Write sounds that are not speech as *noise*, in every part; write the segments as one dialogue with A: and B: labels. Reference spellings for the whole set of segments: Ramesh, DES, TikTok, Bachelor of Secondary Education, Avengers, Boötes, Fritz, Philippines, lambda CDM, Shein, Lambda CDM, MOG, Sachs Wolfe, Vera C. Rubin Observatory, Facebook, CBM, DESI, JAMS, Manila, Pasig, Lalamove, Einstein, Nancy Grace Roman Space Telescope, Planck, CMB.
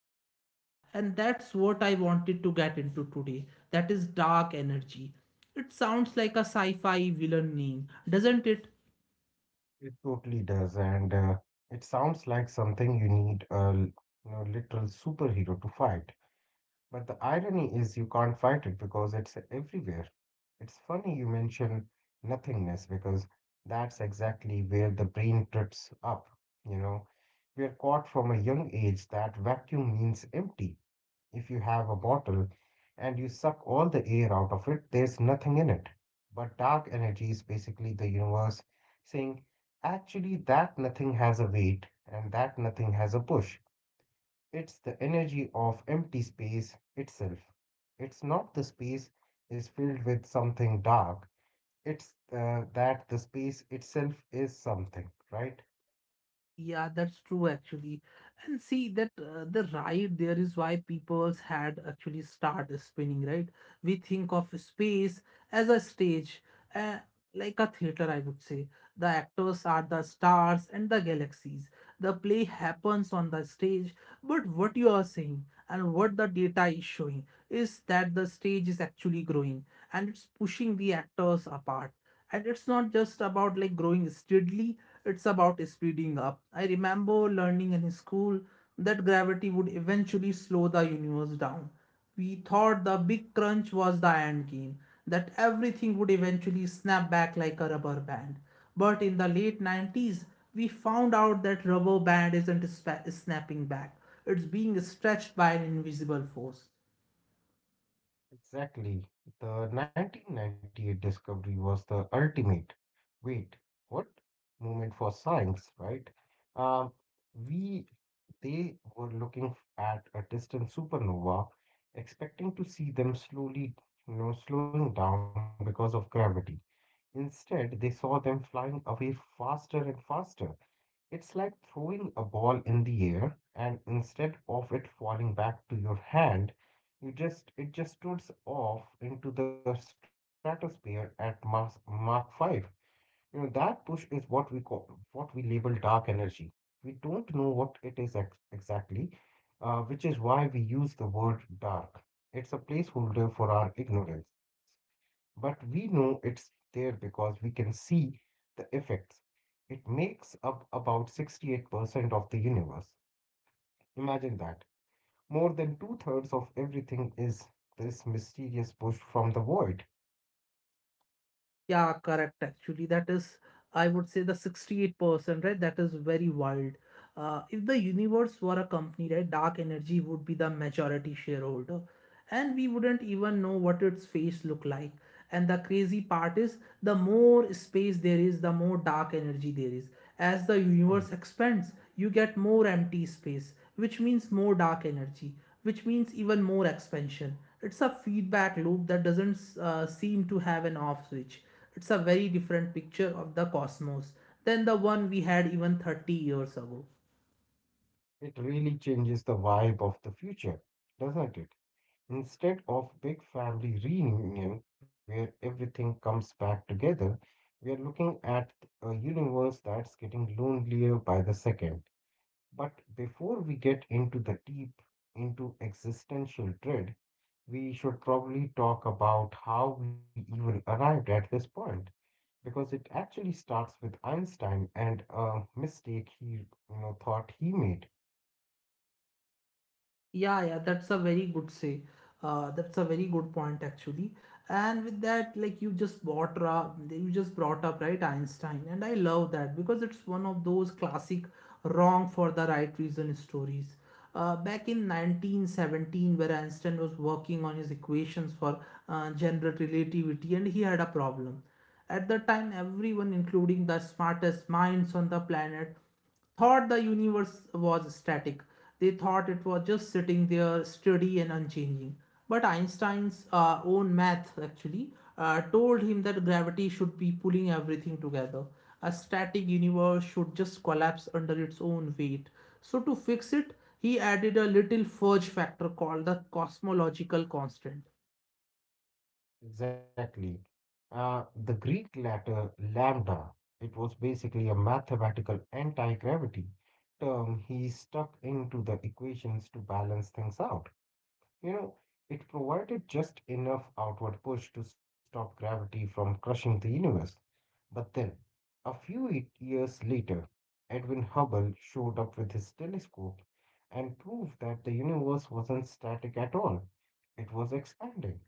A: running the show, and that's what I wanted to get into today. That is dark energy. It sounds like a sci fi villain name, doesn't it?
B: it totally does, and it sounds like something you need literal superhero to fight. But the irony is you can't fight it because it's everywhere. It's funny you mention nothingness because that's exactly where the brain trips up. You know, we are caught from a young age that vacuum means empty. If you have a bottle and you suck all the air out of it, there's nothing in it. But dark energy is basically the universe saying, actually, that nothing has a weight and that nothing has a push. It's the energy of empty space itself. It's not the space is filled with something dark, it's that the space itself is something, right?
A: Yeah, that's true actually. And see, that the right there is why people's had actually start spinning, right? We think of space as a stage, uh, like a theater, I would say. The actors are the stars and the galaxies. The play happens on the stage, but what you are saying and what the data is showing is that the stage is actually growing and it's pushing the actors apart, and it's not just about like growing steadily, it's about speeding up. I remember learning in school that gravity would eventually slow the universe down. We thought the big crunch was the end game, that everything would eventually snap back like a rubber band. But in the late 90s we found out that rubber band isn't spa- snapping back, it's being stretched by an invisible force.
B: Exactly. The 1998 discovery was the ultimate. Wait, what? Moment for science, right? Um, we they were looking at a distant supernova, expecting to see them slowly, slowing down because of gravity. Instead, they saw them flying away faster and faster. It's like throwing a ball in the air, and instead of it falling back to your hand, you just it just shoots off into the stratosphere at Mach 5. That push is what we call, what we label dark energy. We don't know what it is exactly, which is why we use the word dark. It's a placeholder for our ignorance, but we know it's there because we can see the effects. It makes up about 68% of the universe. Imagine that. More than two-thirds of everything is this mysterious push from the void.
A: Yeah, correct. Actually, that is, I would say, the 68%, right? That is very wild. If the universe were a company, right, dark energy would be the majority shareholder, and we wouldn't even know what its face look like. And the crazy part is, the more space there is, the more dark energy there is. As the
B: Hmm.
A: universe expands, you get more empty space, which means more dark energy, which means even more expansion. It's a feedback loop that doesn't seem to have an off switch. It's a very different picture of the cosmos than the one we had even 30 years ago.
B: It really changes the vibe of the future, doesn't it? Instead of big family reunion where everything comes back together, we are looking at a universe that's getting lonelier by the second. But before we get into the deep, into existential dread, we should probably talk about how we even arrived at this point, because it actually starts with Einstein and a mistake he, thought he made.
A: Yeah, that's a very good say. That's a very good point actually. And with that, like you just brought up right, Einstein, and I love that because it's one of those classic wrong for the right reason stories. Back in 1917, where Einstein was working on his equations for general relativity, and he had a problem. At the time, everyone, including the smartest minds on the planet, thought the universe was static. They thought it was just sitting there steady and unchanging. But Einstein's own math actually told him that gravity should be pulling everything together. A static universe should just collapse under its own weight. So, to fix it, he added a little fudge factor called the cosmological constant.
B: Exactly, the Greek letter lambda. It was basically a mathematical anti-gravity term he stuck into the equations to balance things out. you know it provided just enough outward push to stop gravity from crushing the universe. But then, a few years later, Edwin Hubble showed up with his telescope and proved that the universe wasn't static at all, it was expanding.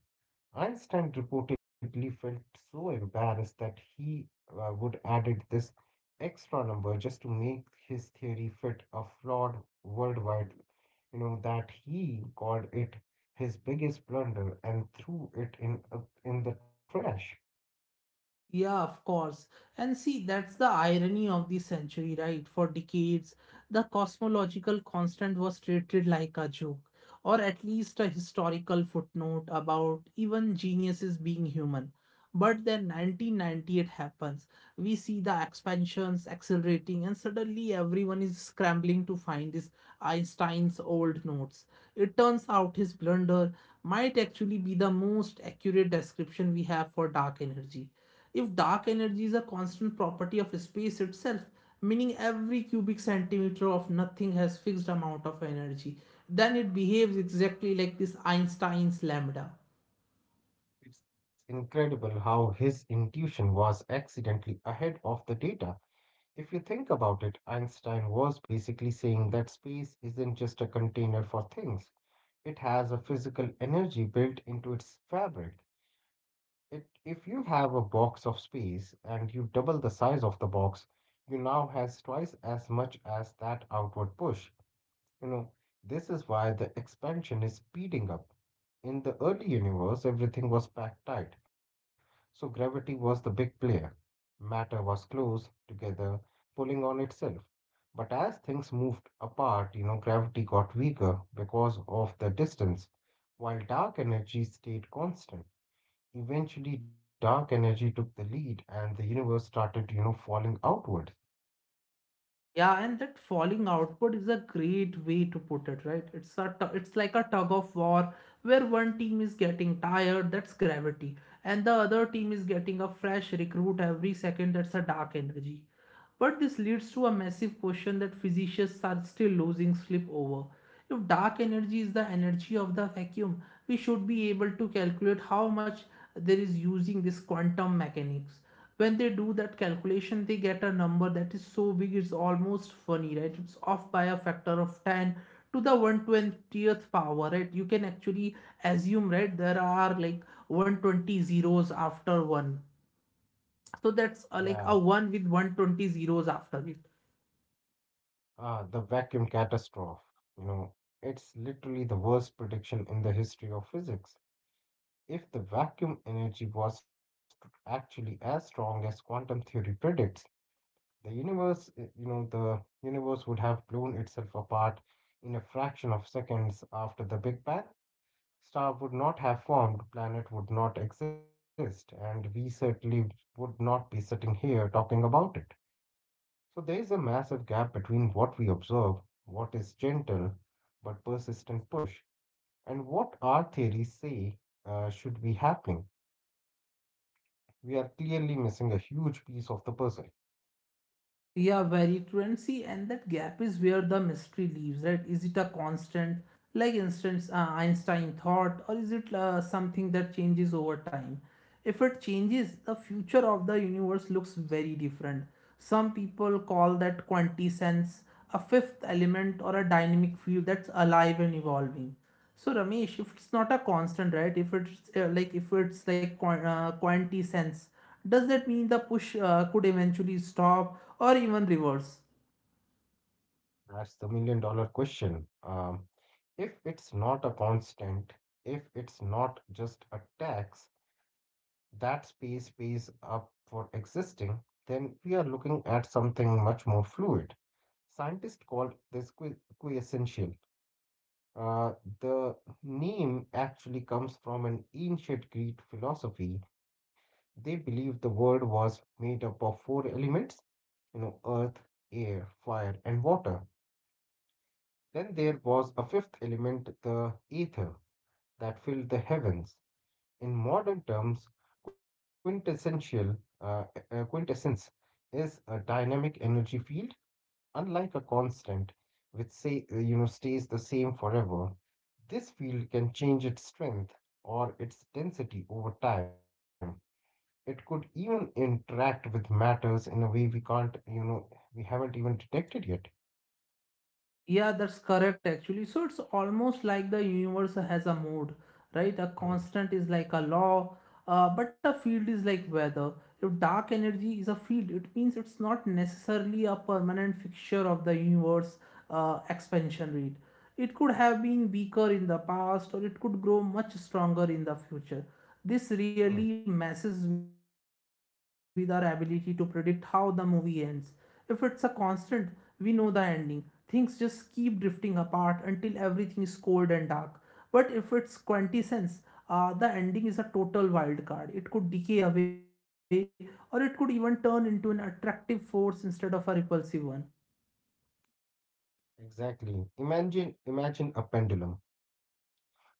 B: Einstein reportedly felt so embarrassed that he would added this extra number just to make his theory fit a flawed worldwide, that he called it his biggest blunder and threw it in the trash.
A: Yeah, of course. And see, that's the irony of the century, right? For decades, the cosmological constant was treated like a joke, or at least a historical footnote about even geniuses being human. But then 1998 happens. We see the expansions accelerating, and suddenly everyone is scrambling to find this Einstein's old notes. It turns out his blunder might actually be the most accurate description we have for dark energy. If dark energy is a constant property of space itself, meaning every cubic centimeter of nothing has fixed amount of energy, then it behaves exactly like this Einstein's lambda.
B: It's incredible how his intuition was accidentally ahead of the data. If you think about it, Einstein was basically saying that space isn't just a container for things, it has a physical energy built into its fabric. It, if you have a box of space and you double the size of the box, you now has twice as much as that outward push. You know, this is why the expansion is speeding up. In the early universe, everything was packed tight, so gravity was the big player. Matter was close together, pulling on itself. But as things moved apart, gravity got weaker because of the distance, while dark energy stayed constant. Eventually, dark energy took the lead and the universe started, falling outward.
A: Yeah, and that falling output is a great way to put it, right? It's like a tug of war where one team is getting tired, that's gravity, and the other team is getting a fresh recruit every second, that's a dark energy. But this leads to a massive question that physicians are still losing sleep over. If dark energy is the energy of the vacuum, we should be able to calculate how much there is using this quantum mechanics. When they do that calculation, they get a number that is so big it's almost funny, right? It's off by a factor of 10 to the 120th power. Right, you can actually assume right there are like 120 zeros after one, so that's
B: Yeah,
A: like a one with 120 zeros after it.
B: ah, the vacuum catastrophe. You know, it's literally the worst prediction in the history of physics. If the vacuum energy was actually as strong as quantum theory predicts, the universe would have blown itself apart in a fraction of seconds after the Big Bang. Star would not have formed, planet would not exist, and we certainly would not be sitting here talking about it. So there is a massive gap between what we observe, what is gentle but persistent push, and what our theories say should be happening. We are clearly missing a huge piece of the puzzle.
A: Yeah, very currency, and that gap is where the mystery lives, right? Is it a constant, like instance Einstein thought, or is it something that changes over time? If it changes, the future of the universe looks very different. Some people call that quantisense, a fifth element or a dynamic field that's alive and evolving. So Ramesh, if it's not a constant, right? If it's like if it's like quan- quantity sense, does that mean the push could eventually stop or even reverse?
B: That's the $1 million question. If it's not a constant, if it's not just a tax that space pays up for existing, then we are looking at something much more fluid. Scientists call this quiescential. Uh, the name actually comes from an ancient Greek philosophy. They believed the world was made up of four elements, earth, air, fire, and water. Then there was a fifth element, the ether, that filled the heavens. In modern terms, quintessence is a dynamic energy field, unlike a constant, which say stays the same forever. This field can change its strength or its density over time. It could even interact with matters in a way we can't, we haven't even detected yet.
A: Yeah, that's correct actually. So it's almost like the universe has a mood, right? A
B: Hmm.
A: constant is like a law, but a field is like weather. If dark energy is a field, it means it's not necessarily a permanent fixture of the universe expansion rate. It could have been weaker in the past or it could grow much stronger in the future. This really
B: Hmm.
A: messes with our ability to predict how the movie ends. If it's a constant, we know the ending. Things just keep drifting apart until everything is cold and dark. But if it's quintessence, the ending is a total wild card. It could decay away or it could even turn into an attractive force instead of a repulsive one.
B: Exactly. Imagine a pendulum.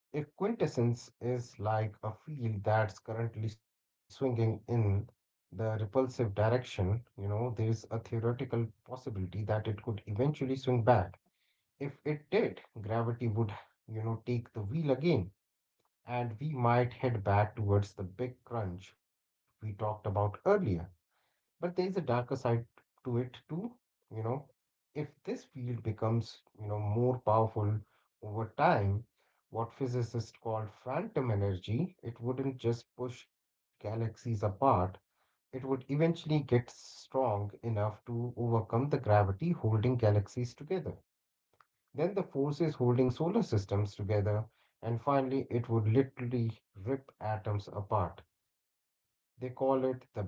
B: A quintessence is like a field that's currently swinging in the repulsive direction. You know, there is a theoretical possibility that it could eventually swing back. If it did, gravity would, take the wheel again, and we might head back towards the big crunch we talked about earlier. But there is a darker side to it too. You know, if this field becomes, more powerful over time, what physicists call phantom energy, it wouldn't just push galaxies apart, it would eventually get strong enough to overcome the gravity holding galaxies together. Then the forces holding solar systems together, and finally, it would literally rip atoms apart. They call it the Big Rip.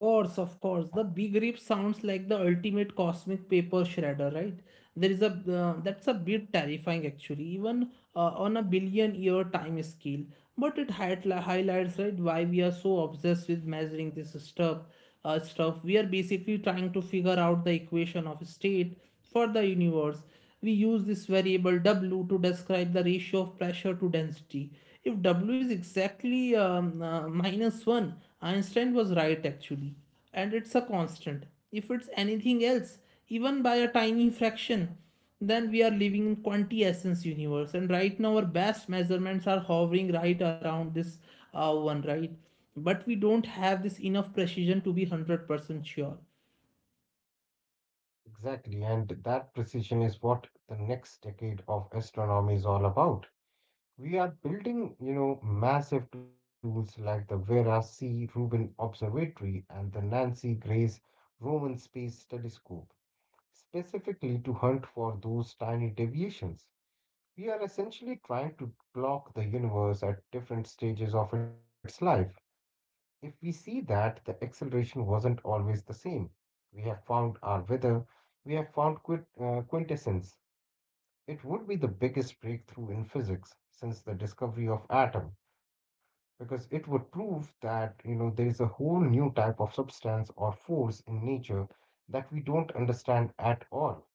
A: Course, of course. The big rip sounds like the ultimate cosmic paper shredder, right? there is a That's a bit terrifying actually, even on a billion year time scale, but it had, highlights right why we are so obsessed with measuring this stuff. We are basically trying to figure out the equation of state for the universe. We use this variable w to describe the ratio of pressure to density. If w is exactly minus 1, Einstein was right actually, and it's a constant. If it's anything else, even by a tiny fraction, then we are living in quanti essence universe. And right now, our best measurements are hovering right around this one, right? But we don't have this enough precision to be 100% sure.
B: Exactly, and that precision is what the next decade of astronomy is all about. We are building, massive tools like the Vera C. Rubin Observatory and the Nancy Grace Roman Space Telescope, specifically to hunt for those tiny deviations. We are essentially trying to clock the universe at different stages of its life. If we see that the acceleration wasn't always the same, we have found our weather, we have found quintessence. It would be the biggest breakthrough in physics since the discovery of atom, because it would prove that there is a whole new type of substance or force in nature that we don't understand at all.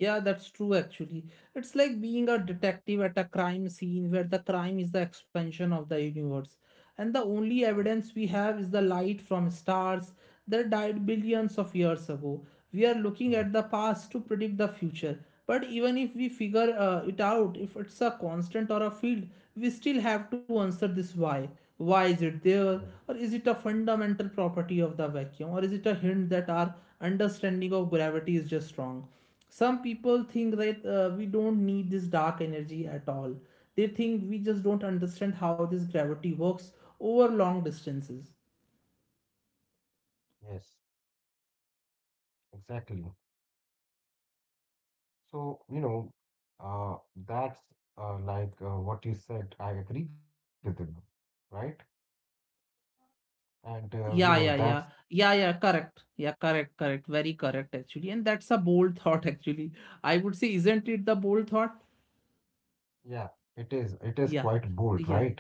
A: Yeah, that's true actually. It's like being a detective at a crime scene where the crime is the expansion of the universe. And the
B: Hmm.
A: only evidence we have is the light from stars that died billions of years ago. We are
B: Hmm.
A: looking at the past to predict the future. But even if we figure it out, if it's a constant or a field, we still have to answer this why. Why is it
B: Hmm.
A: there? Or is it a fundamental property of the vacuum? Or is it a hint that our understanding of gravity is just wrong? Some people think that we don't need this dark energy at all. They think we just don't understand how this gravity works over long distances.
B: Yes, exactly. So, uh, that's like what you said. I agree with you, right? And,
A: yeah yeah
B: that's,
A: yeah yeah yeah correct. Yeah, correct, actually, and that's a bold *laughs* thought actually, I would say. Isn't it the bold thought?
B: yeah, it is
A: yeah
B: quite bold,
A: yeah
B: right?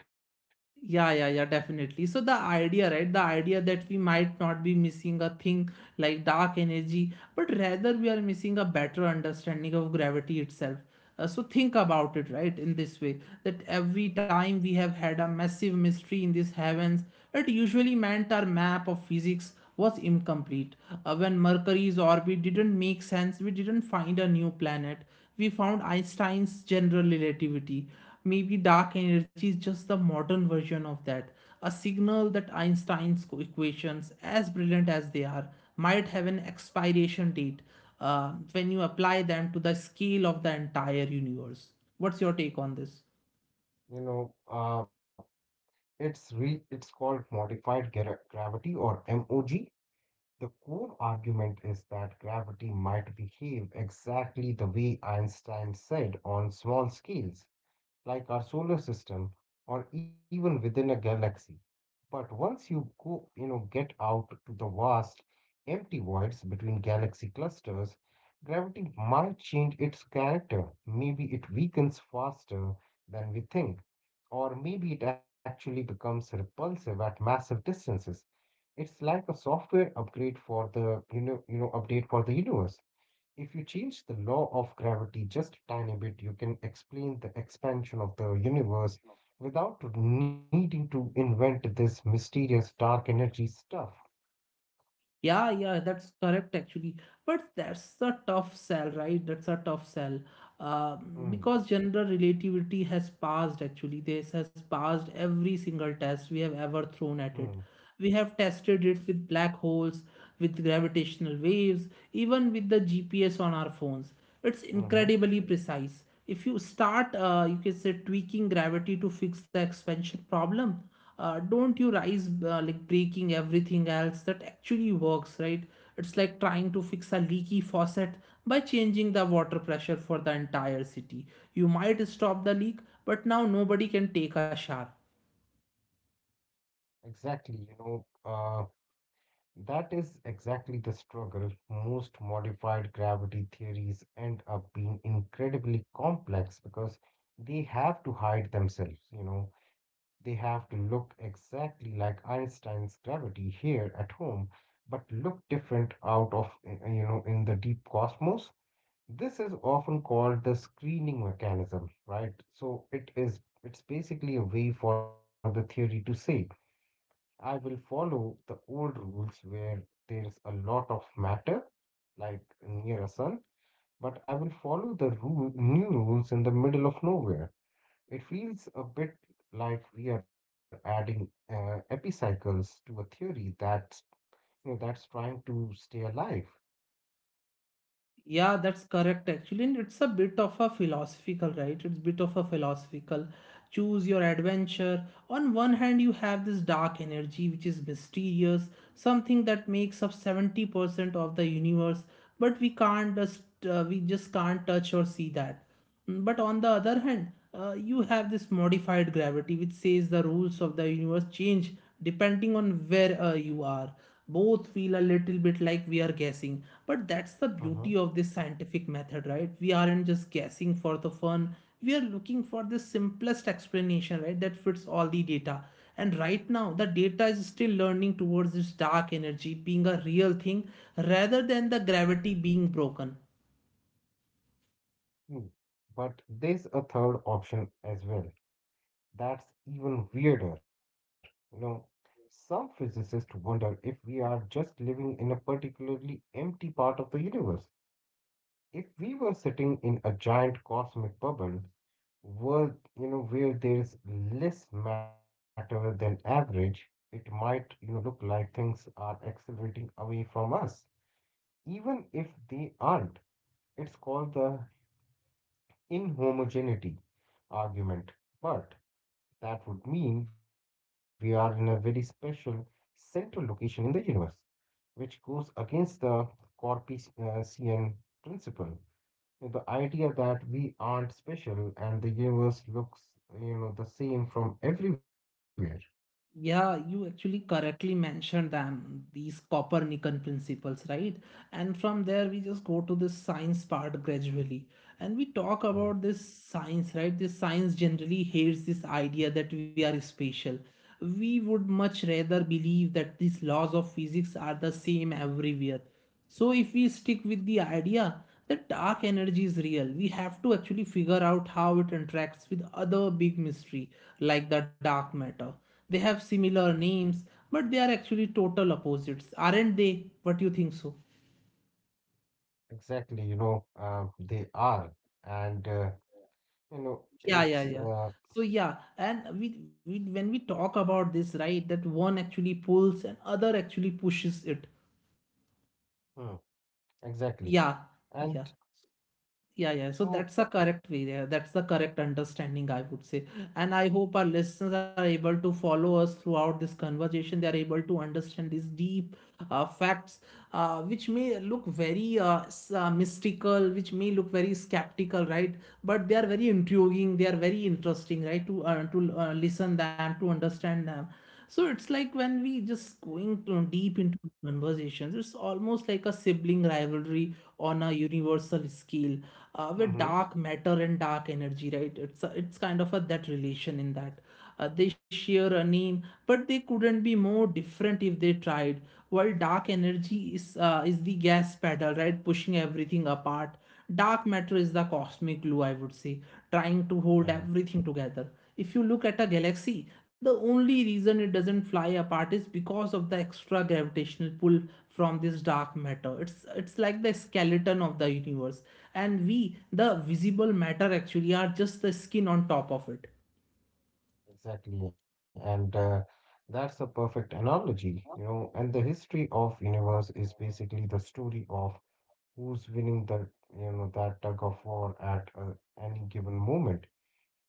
A: yeah yeah yeah definitely. So the idea that we might not be missing a thing like dark energy, but rather we are missing a better understanding of gravity itself. So think about it, right, in this way that every time we have had a massive mystery in these heavens, it usually meant our map of physics was incomplete. When Mercury's orbit didn't make sense, we didn't find a new planet. We found Einstein's general relativity. Maybe dark energy is just the modern version of that, a signal that Einstein's equations, as brilliant as they are, might have an expiration date when you apply them to the scale of the entire universe. What's your take on this?
B: You know, uh, it's called modified gravity or MOG. The core argument is that gravity might behave exactly the way Einstein said on small scales, like our solar system or even within a galaxy. But once you go, get out to the vast empty voids between galaxy clusters, gravity might change its character. Maybe it weakens faster than we think, or maybe it actually becomes repulsive at massive distances. It's like a software upgrade for the, update for the universe. If you change the law of gravity just a tiny bit, you can explain the expansion of the universe without needing to invent this mysterious dark energy stuff.
A: Yeah, that's correct actually. But that's a tough sell, right? That's a tough sell.
B: Mm.
A: Because general relativity has passed actually. This has passed every single test we have ever thrown
B: Mm.
A: at it. We have tested it with black holes, with gravitational waves, even with the GPS on our phones. It's
B: Mhm.
A: incredibly precise. If you start, you can say tweaking gravity to fix the expansion problem, don't you rise like breaking everything else that actually works, right? It's like trying to fix a leaky faucet by changing the water pressure for the entire city. You might stop the leak, but now nobody can take a shower.
B: Exactly, that is exactly the struggle. Most modified gravity theories end up being incredibly complex because they have to hide themselves, They have to look exactly like Einstein's gravity here at home, but look different in the deep cosmos. This is often called the screening mechanism, right? So it is, it's basically a way for the theory to say, I will follow the old rules where there's a lot of matter, like near a sun, but I will follow new rules in the middle of nowhere. It feels a bit like we are adding epicycles to a theory that's, that's trying to stay alive.
A: Yeah, that's correct actually. And it's a bit of a philosophical, right? It's bit of a philosophical. Choose your adventure. On one hand, you have this dark energy which is mysterious, something that makes up 70% of the universe, but we can't just we just can't touch or see that. But on the other hand, you have this modified gravity, which says the rules of the universe change depending on where you are. Both feel a little bit like we are guessing, but that's the
B: Uh-huh.
A: beauty of this scientific method, right? We aren't just guessing for the fun. We are looking for the simplest explanation, right, that fits all the data. And right now, the data is still learning towards this dark energy being a real thing rather than the gravity being broken.
B: Hmm. But there's a third option as well, that's even weirder. You know, some physicists wonder if we are just living in a particularly empty part of the universe. If we were sitting in a giant cosmic bubble, world, where there's less matter than average, it might, look like things are accelerating away from us, even if they aren't. It's called the inhomogeneity argument. But that would mean we are in a very special central location in the universe, which goes against the Corpuscian principle. The idea that we aren't special and the universe looks, the same from everywhere.
A: Yeah, you actually correctly mentioned them, these Copernican principles, right? And from there, we just go to the science part gradually. And we talk
B: Mm.
A: about this science, right? This science generally hates this idea that we are special. We would much rather believe that these laws of physics are the same everywhere. So if we stick with the idea that dark energy is real, we have to actually figure out how it interacts with other big mystery like the dark matter. They have similar names, but they are actually total opposites, aren't they? What do you think so?
B: Exactly, they are, and
A: Yeah, yeah,
B: it's
A: yeah. So yeah, and we when we talk about this, right, that one actually pulls and other actually pushes it.
B: mm, exactly,
A: Yeah,
B: and
A: yeah. Yeah, yeah. So
B: so,
A: that's the correct way. Yeah. That's the correct understanding, I would say. And I hope our listeners are able to follow us throughout this conversation. They are able to understand these deep facts, which may look very mystical, which may look very skeptical, right? But they are very intriguing. They are very interesting, right? To listen them, to understand them. So it's like when we just deep into conversations, it's almost like a sibling rivalry on a universal scale,
B: hmm,
A: where dark matter and dark energy, right? It's kind of a that relation in that. They share a name, but they couldn't be more different if they tried. While dark energy is the gas pedal, right, pushing everything apart, dark matter is the cosmic glue, I would say, trying to hold
B: yeah.
A: everything together. If you look at a galaxy, the only reason it doesn't fly apart is because of the extra gravitational pull from this dark matter. It's like the skeleton of the universe, and we, the visible matter, actually are just the skin on top of it.
B: Exactly, and that's a perfect analogy, And the history of universe is basically the story of who's winning the, that tug of war at any given moment.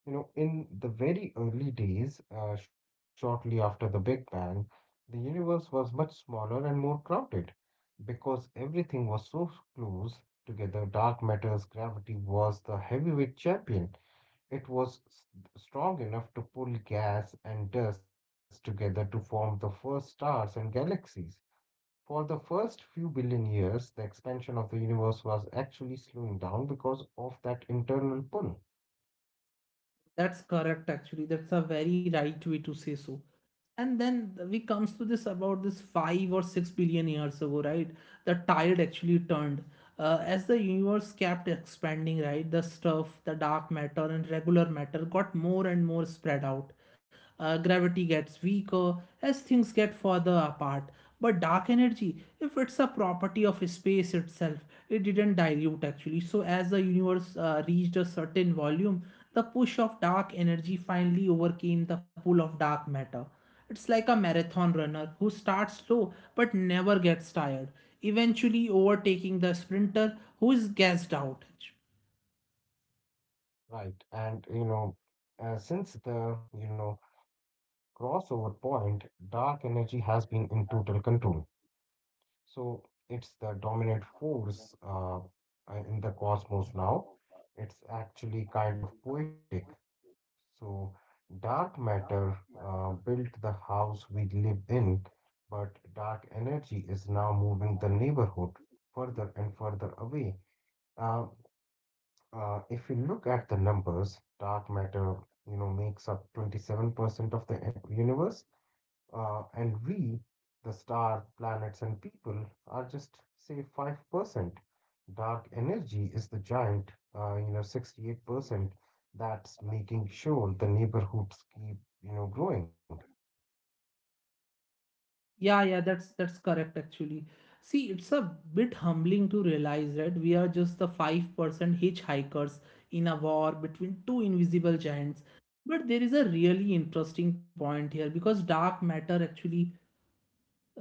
B: In the very early days, shortly after the Big Bang, the universe was much smaller and more crowded because everything was so close together. Dark matter's gravity was the heavyweight champion. it was s- Strong enough to pull gas and dust together to form the first stars and galaxies. For the first few billion years, the expansion of the universe was actually slowing down because of that internal pull.
A: That's correct, actually. That's a very right way to say so. And then we comes to this about this 5 or 6 billion years ago, right? The tide actually turned, as the universe kept expanding, right? The stuff, the dark matter and regular matter, got more and more spread out. Gravity gets weaker as things get further apart, but dark energy, if it's a property of space itself, it didn't dilute actually. So as the universe reached a certain volume, the push of dark energy finally overcame the pull of dark matter. It's like a marathon runner who starts slow but never gets tired, eventually overtaking the sprinter who is gassed out.
B: Right. And since the crossover point, dark energy has been in total control. So it's the dominant force in the cosmos now. It's actually kind of poetic. So, dark matter built the house we live in, but dark energy is now moving the neighborhood further and further away. Uh, if you look at the numbers, dark matter, makes up 27% of the universe, and we, the star, planets, and people, are just, say, 5%. Dark energy is the giant, 68% that's making sure the neighborhoods keep, growing.
A: Yeah, yeah, that's correct actually. See, it's a bit humbling to realize that we are just the 5% hitchhikers in a war between two invisible giants. But there is a really interesting point here because dark matter actually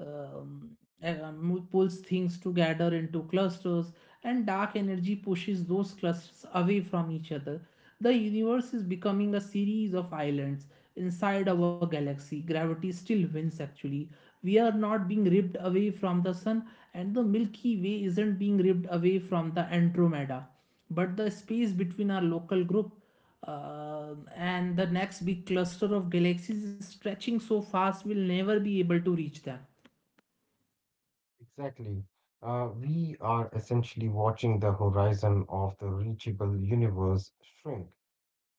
A: um, pulls things together into clusters, and dark energy pushes those clusters away from each other. The universe is becoming a series of islands inside our galaxy. Gravity still wins, actually. We are not being ripped away from the sun, and the Milky Way isn't being ripped away from the Andromeda. But the space between our local group and the next big cluster of galaxies is stretching so fast we'll never be able to reach them.
B: Exactly. We are essentially watching the horizon of the reachable universe shrink.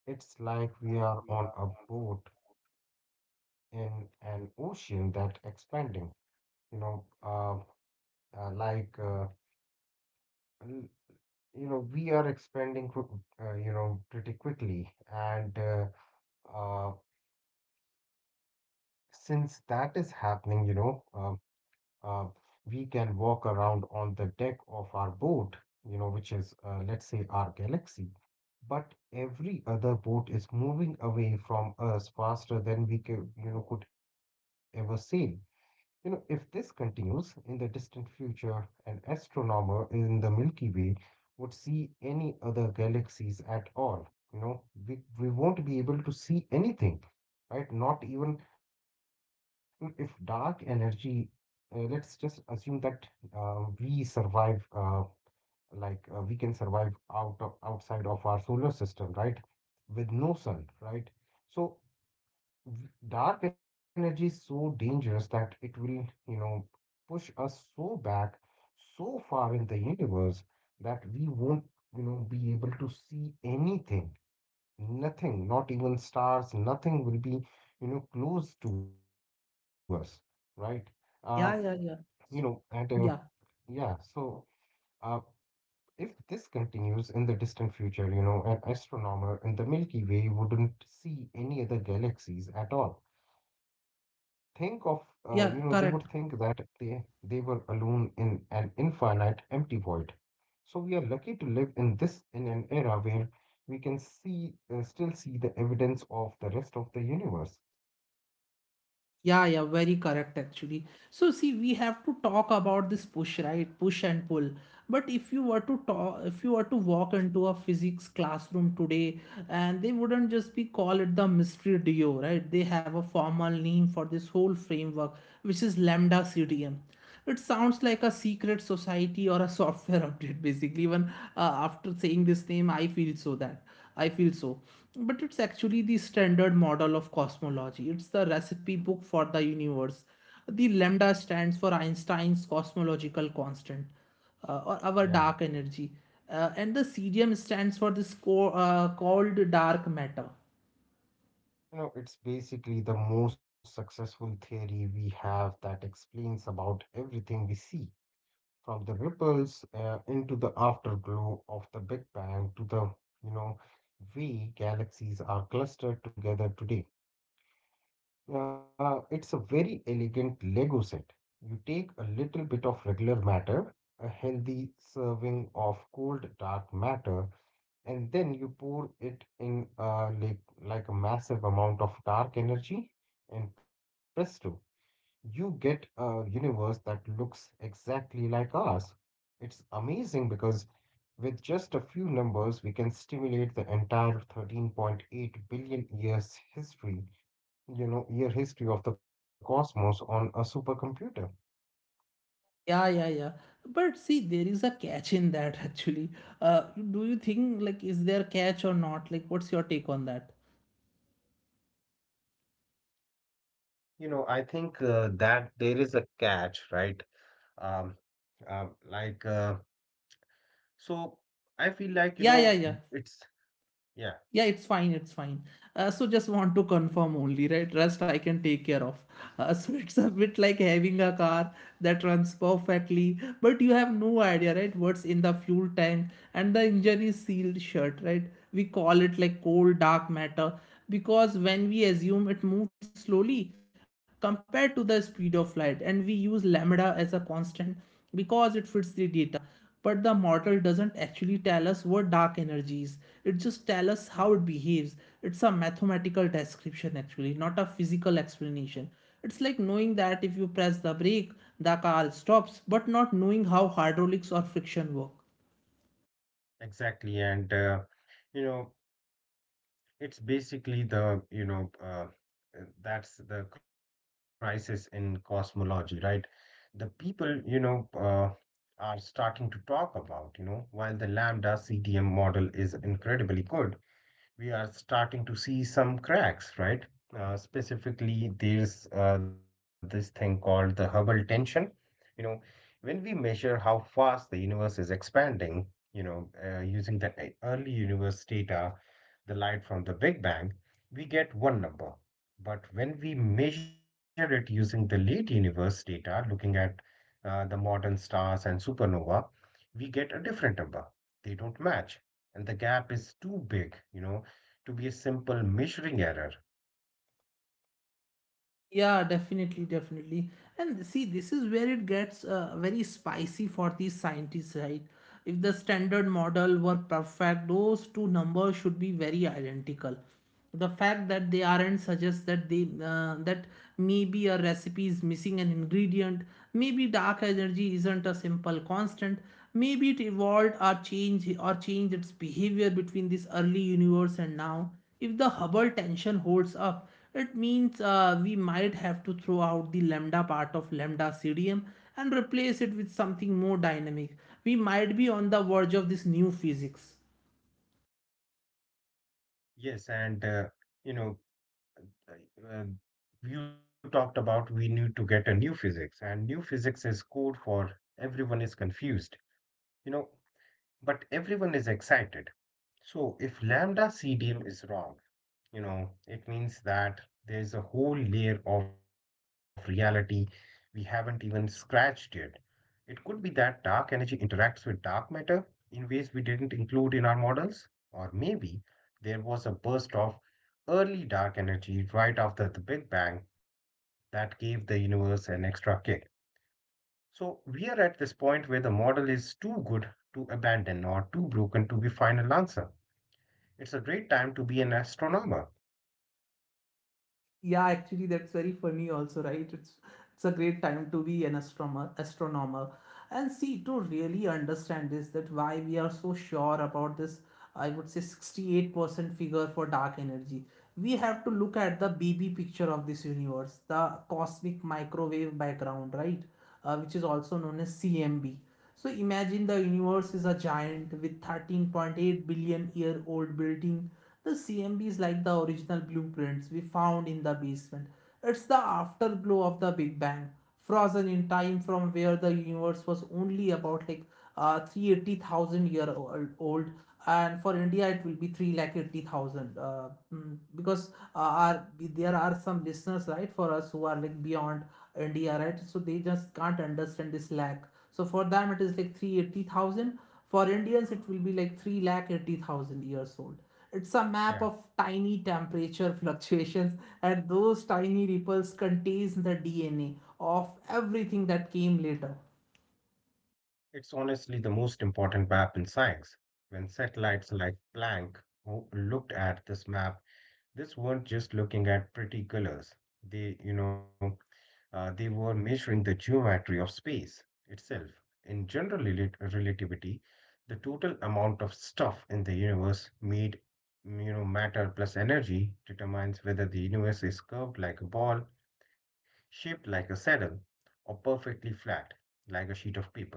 B: It's like we are on a boat in an ocean that expanding, you know, like l- you know we are expanding pretty quickly, and uh, since that is happening uh, we can walk around on the deck of our boat, which is, let's say, our galaxy, but every other boat is moving away from us faster than we could ever sail. If this continues in the distant future, an astronomer in the Milky Way would see any other galaxies at all. You know, we won't be able to see anything, right? Not even if dark energy, let's just assume that we survive, we can survive outside of our solar system, right? With no sun, right? So dark energy is so dangerous that it will, push us so back, so far in the universe, that we won't, be able to see anything, nothing, not even stars, nothing will be, close to us, right? Uh,
A: Yeah,
B: you
A: yeah,
B: know,
A: yeah,
B: and
A: yeah,
B: Yeah. So uh, if this continues in the distant future, an astronomer in the Milky Way wouldn't see any other galaxies at all. Think of, they would
A: yeah,
B: think that
A: correct.
B: they were alone in an infinite empty void. So we are lucky to live in this, in an era where we can see still see the evidence of the rest of the universe.
A: Yeah, yeah, very correct actually. So see, we have to talk about this push, right? Push and pull. But if you were to talk, if you were to walk into a physics classroom today, and they wouldn't just be call it the mystery duo, right? They have a formal name for this whole framework, which is lambda CDM. It sounds like a secret society or a software *laughs* update, basically. Even after saying this name, I feel so that. I feel so. But it's actually the standard model of cosmology. It's the recipe book for the universe. The lambda stands for Einstein's cosmological constant, or our
B: Yeah.
A: dark energy. And the cesium stands for this called dark matter.
B: It's basically the most successful theory we have that explains about everything we see, from the ripples into the afterglow of the Big Bang to the, you know way galaxies are clustered together today. It's a very elegant Lego set. You take a little bit of regular matter, a healthy serving of cold dark matter, and then you pour it in, like a massive amount of dark energy, and presto, you get a universe that looks exactly like ours. It's amazing because with just a few numbers, we can stimulate the entire 13.8 billion years year history of the cosmos on a supercomputer.
A: Yeah, yeah, yeah. But see, there is a catch in that *laughs* actually. Uh, do you think like is there catch or not? Like, what's your take on that?
B: I think that there is a catch, right? Um, uh, like, uh, so I feel like,
A: Yeah, yeah, yeah.
B: it's, yeah,
A: Yeah, it's fine, it's fine. So just want to confirm only, right? Rest I can take care of. *laughs* So it's a bit like having a car that runs perfectly, but you have no idea, right? What's in the fuel tank and the engine is sealed shut, right? We call it like cold dark matter because when we assume it moves slowly compared to the speed of light, and we use lambda as a constant because it fits the data, but the model doesn't actually tell us what dark energy is. It just tells us how it behaves. It's a mathematical description actually, not a physical explanation. It's like knowing that if you press the brake the car stops, but not knowing how hydraulics or friction work.
B: exactly. And, you know, it's basically the, you know, that's the crisis in cosmology, right? The people, are starting to talk about, while the lambda CDM model is incredibly good, we are starting to see some cracks, right? Specifically, there's this thing called the Hubble tension. You know, when we measure how fast the universe is expanding, using the early universe data, the light from the Big Bang, we get one number. But when we measure it using the late universe data, looking at the modern stars and supernova, we get a different number. They don't match, and the gap is too big, to be a simple measuring error.
A: Yeah, definitely, definitely. And see, this is where it gets very spicy for these scientists, right? If the standard model were perfect, those two numbers should be very identical. The fact that they aren't suggests that they that maybe a recipe is missing an ingredient, maybe dark energy isn't a simple constant, maybe it evolved or changed its behavior between this early universe and now. If the Hubble tension holds up, it means we might have to throw out the lambda part of lambda CDM and replace it with something more dynamic. We might be on the verge of this new physics.
B: Yes, and you know, uh, you talked about we need to get a new physics, and new physics is code for everyone is confused, you know but everyone is excited. So if lambda CDM is wrong, it means that there's a whole layer of reality we haven't even scratched yet. It could be that dark energy interacts with dark matter in ways we didn't include in our models, or maybe there was a burst of early dark energy right after the Big Bang that gave the universe an extra kick. So we are at this point where the model is too good to abandon or too broken to be final answer. It's a great time to be an astronomer.
A: Yeah, actually, that's very funny also, right? It's a great time to be an astronomer, astronomer. And see, to really understand this, that why we are so sure about this, I would say 68% figure for dark energy. We have to look at the B B picture of this universe, the cosmic microwave background, right? Which is also known as CMB. So imagine the universe is a giant with 13.8 billion year old building. The CMB is like the original blueprints we found in the basement. It's the afterglow of the Big Bang, frozen in time from where the universe was only about like 380,000 year old, old, and for India it will be 380,000 because our, there are some listeners right for us who are like beyond India, right? So they just can't understand this lakh. So for them, it is like 380,000. For Indians, it will be like 3 lakh 80,000 years old. It's a map
B: Yeah,
A: of tiny temperature *laughs* fluctuations, and those tiny ripples contains the DNA of everything that came later.
B: it's honestly the most important map in science. When satellites like Planck looked at this map, this weren't just looking at pretty colors. They, you know, they were measuring the geometry of space itself. In general relativity, the total amount of stuff in the universe made, matter plus energy determines whether the universe is curved like a ball, shaped like a saddle, or perfectly flat like a sheet of paper.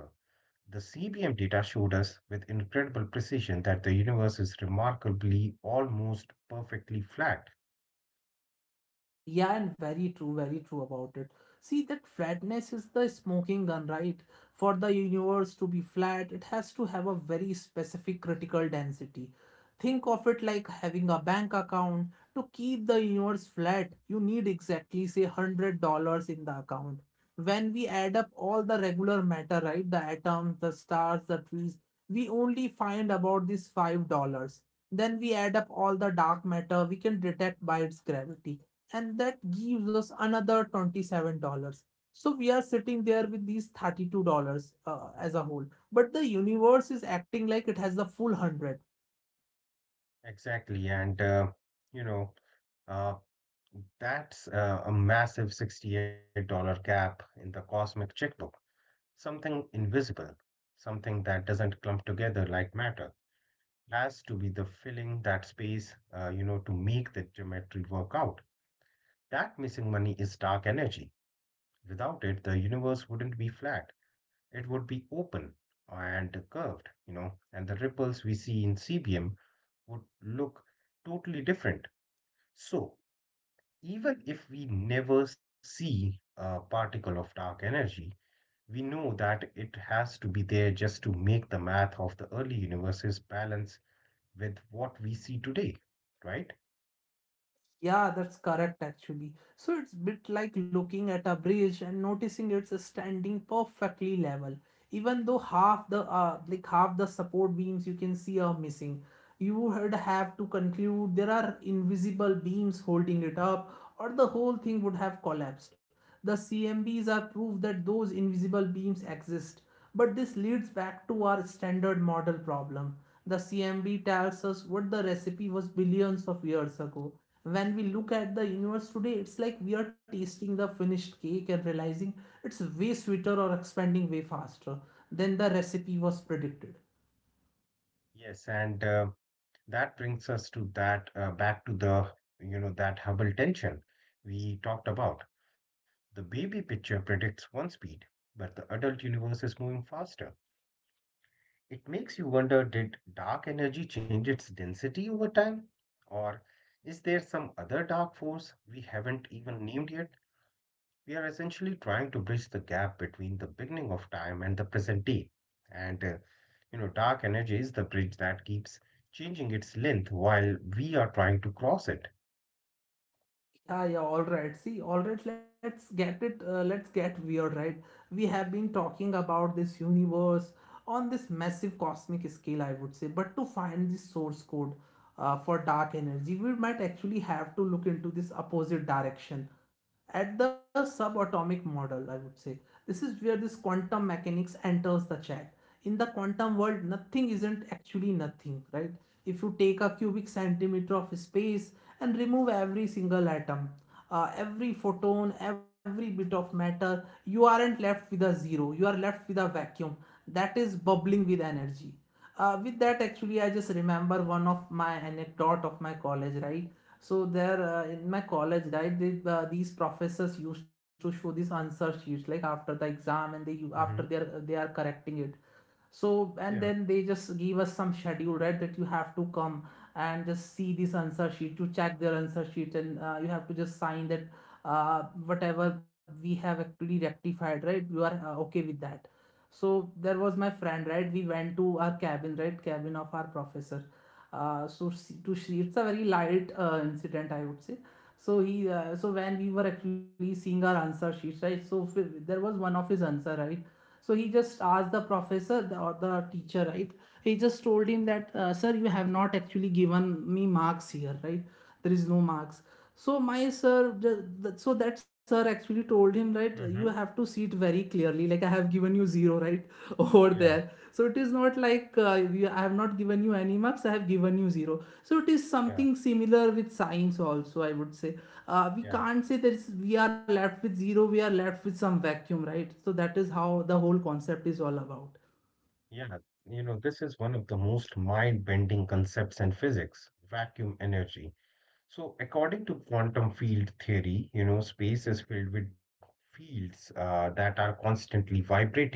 B: The CBM data showed us with incredible precision that the universe is remarkably almost perfectly flat.
A: Yeah, and very true about it. See, that flatness is the smoking gun, right? For the universe to be flat, it has to have a very specific critical density. Think of it like having a bank account. To keep the universe flat, you need exactly, say, $100 in the account. When we add up all the regular matter, right, the atoms, the stars, the trees, we only find about this $5. Then we add up all the dark matter we can detect by its gravity, and that gives us another $27, so we are sitting there with these $32, as a whole, but the universe is acting like it has the full 100.
B: Exactly. And, you know, uh, that's a massive $68 gap in the cosmic checkbook, something invisible, something that doesn't clump together like matter, has to be the filling that space, to make the geometry work out. That missing money is dark energy. Without it, the universe wouldn't be flat. It would be open and curved, and the ripples we see in CBM would look totally different. So, even if we never see a particle of dark energy, we know that it has to be there just to make the math of the early universes balance with what we see today, right?
A: Yeah, that's correct actually. So it's bit like looking at a bridge and noticing it's standing perfectly level. Even though half the like half the support beams you can see are missing. You would have to conclude there are invisible beams holding it up or the whole thing would have collapsed. The CMBs are proof that those invisible beams exist. But this leads back to our standard model problem. The CMB tells us what the recipe was billions of years ago. When we look at the universe today, it's like we are tasting the finished cake and realizing it's way sweeter or expanding way faster than the recipe was predicted.
B: Yes, and that brings us to that back to the, that Hubble tension we talked about. The baby picture predicts one speed, but the adult universe is moving faster. It makes you wonder, did dark energy change its density over time? Or is there some other dark force we haven't even named yet? We are essentially trying to bridge the gap between the beginning of time and the present day. And, dark energy is the bridge that keeps changing its length while we are trying to cross it.
A: Ah, yeah, all right. See, all right, let's get weird, right? We have been talking about this universe on this massive cosmic scale, I would say. But to find the source code for dark energy, we might actually have to look into this opposite direction at the subatomic model, I would say. This is where this quantum mechanics enters the chat. In the quantum world, nothing isn't actually nothing, right? If you take a cubic centimeter of space and remove every single atom, every photon, every bit of matter, you aren't left with a zero. You are left with a vacuum that is bubbling with energy. With that, actually, I just remember one of my anecdote of my college, right? So there in my college, right, these professors used to show these answer sheets like after the exam, and they,
B: Mm-hmm.
A: after they are correcting it. So
B: Yeah.
A: and then they just give us some schedule, right, that you have to come and just see this answer sheet to check their answer sheet, and you have to just sign that whatever we have actually rectified, right, you are okay with that. So there was my friend, right, we went to our cabin, right, cabin of our professor. So to see, it's a very light incident, I would say. So he so when we were actually seeing our answer sheets, right, so there was one of his answer, right. So he just asked the professor, the, or the teacher, right? He just told him that, sir, you have not actually given me marks here, right? There is no marks. So my sir, so that sir actually told him, right? You have
B: Mm-hmm.
A: to see it very clearly. Like I have given you zero, right, *laughs* over
B: Yeah.
A: there. So it is not like I have not given you any marks. I have given you zero. So it is
B: Yeah.
A: something similar with science also, I would say. We
B: Yeah.
A: can't say that we are left with zero. We are left with some vacuum, right? So that is how the whole concept is all about.
B: Yeah, this is one of the most mind-bending concepts in physics, vacuum energy. So, according to quantum field theory, space is filled with fields that are constantly vibrating.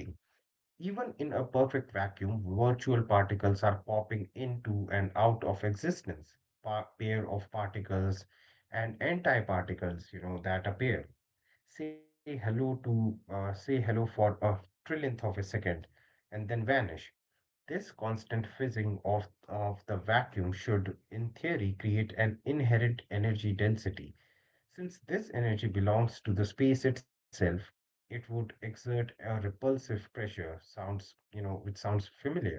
B: Even in a perfect vacuum, virtual particles are popping into and out of existence. Pa Pair of particles and antiparticles, that appear. Say hello to, say hello for a trillionth of a second, and then vanish. This constant fizzing of the vacuum should, in theory, create an inherent energy density. Since this energy belongs to the space itself, it would exert a repulsive pressure. Sounds, which sounds familiar.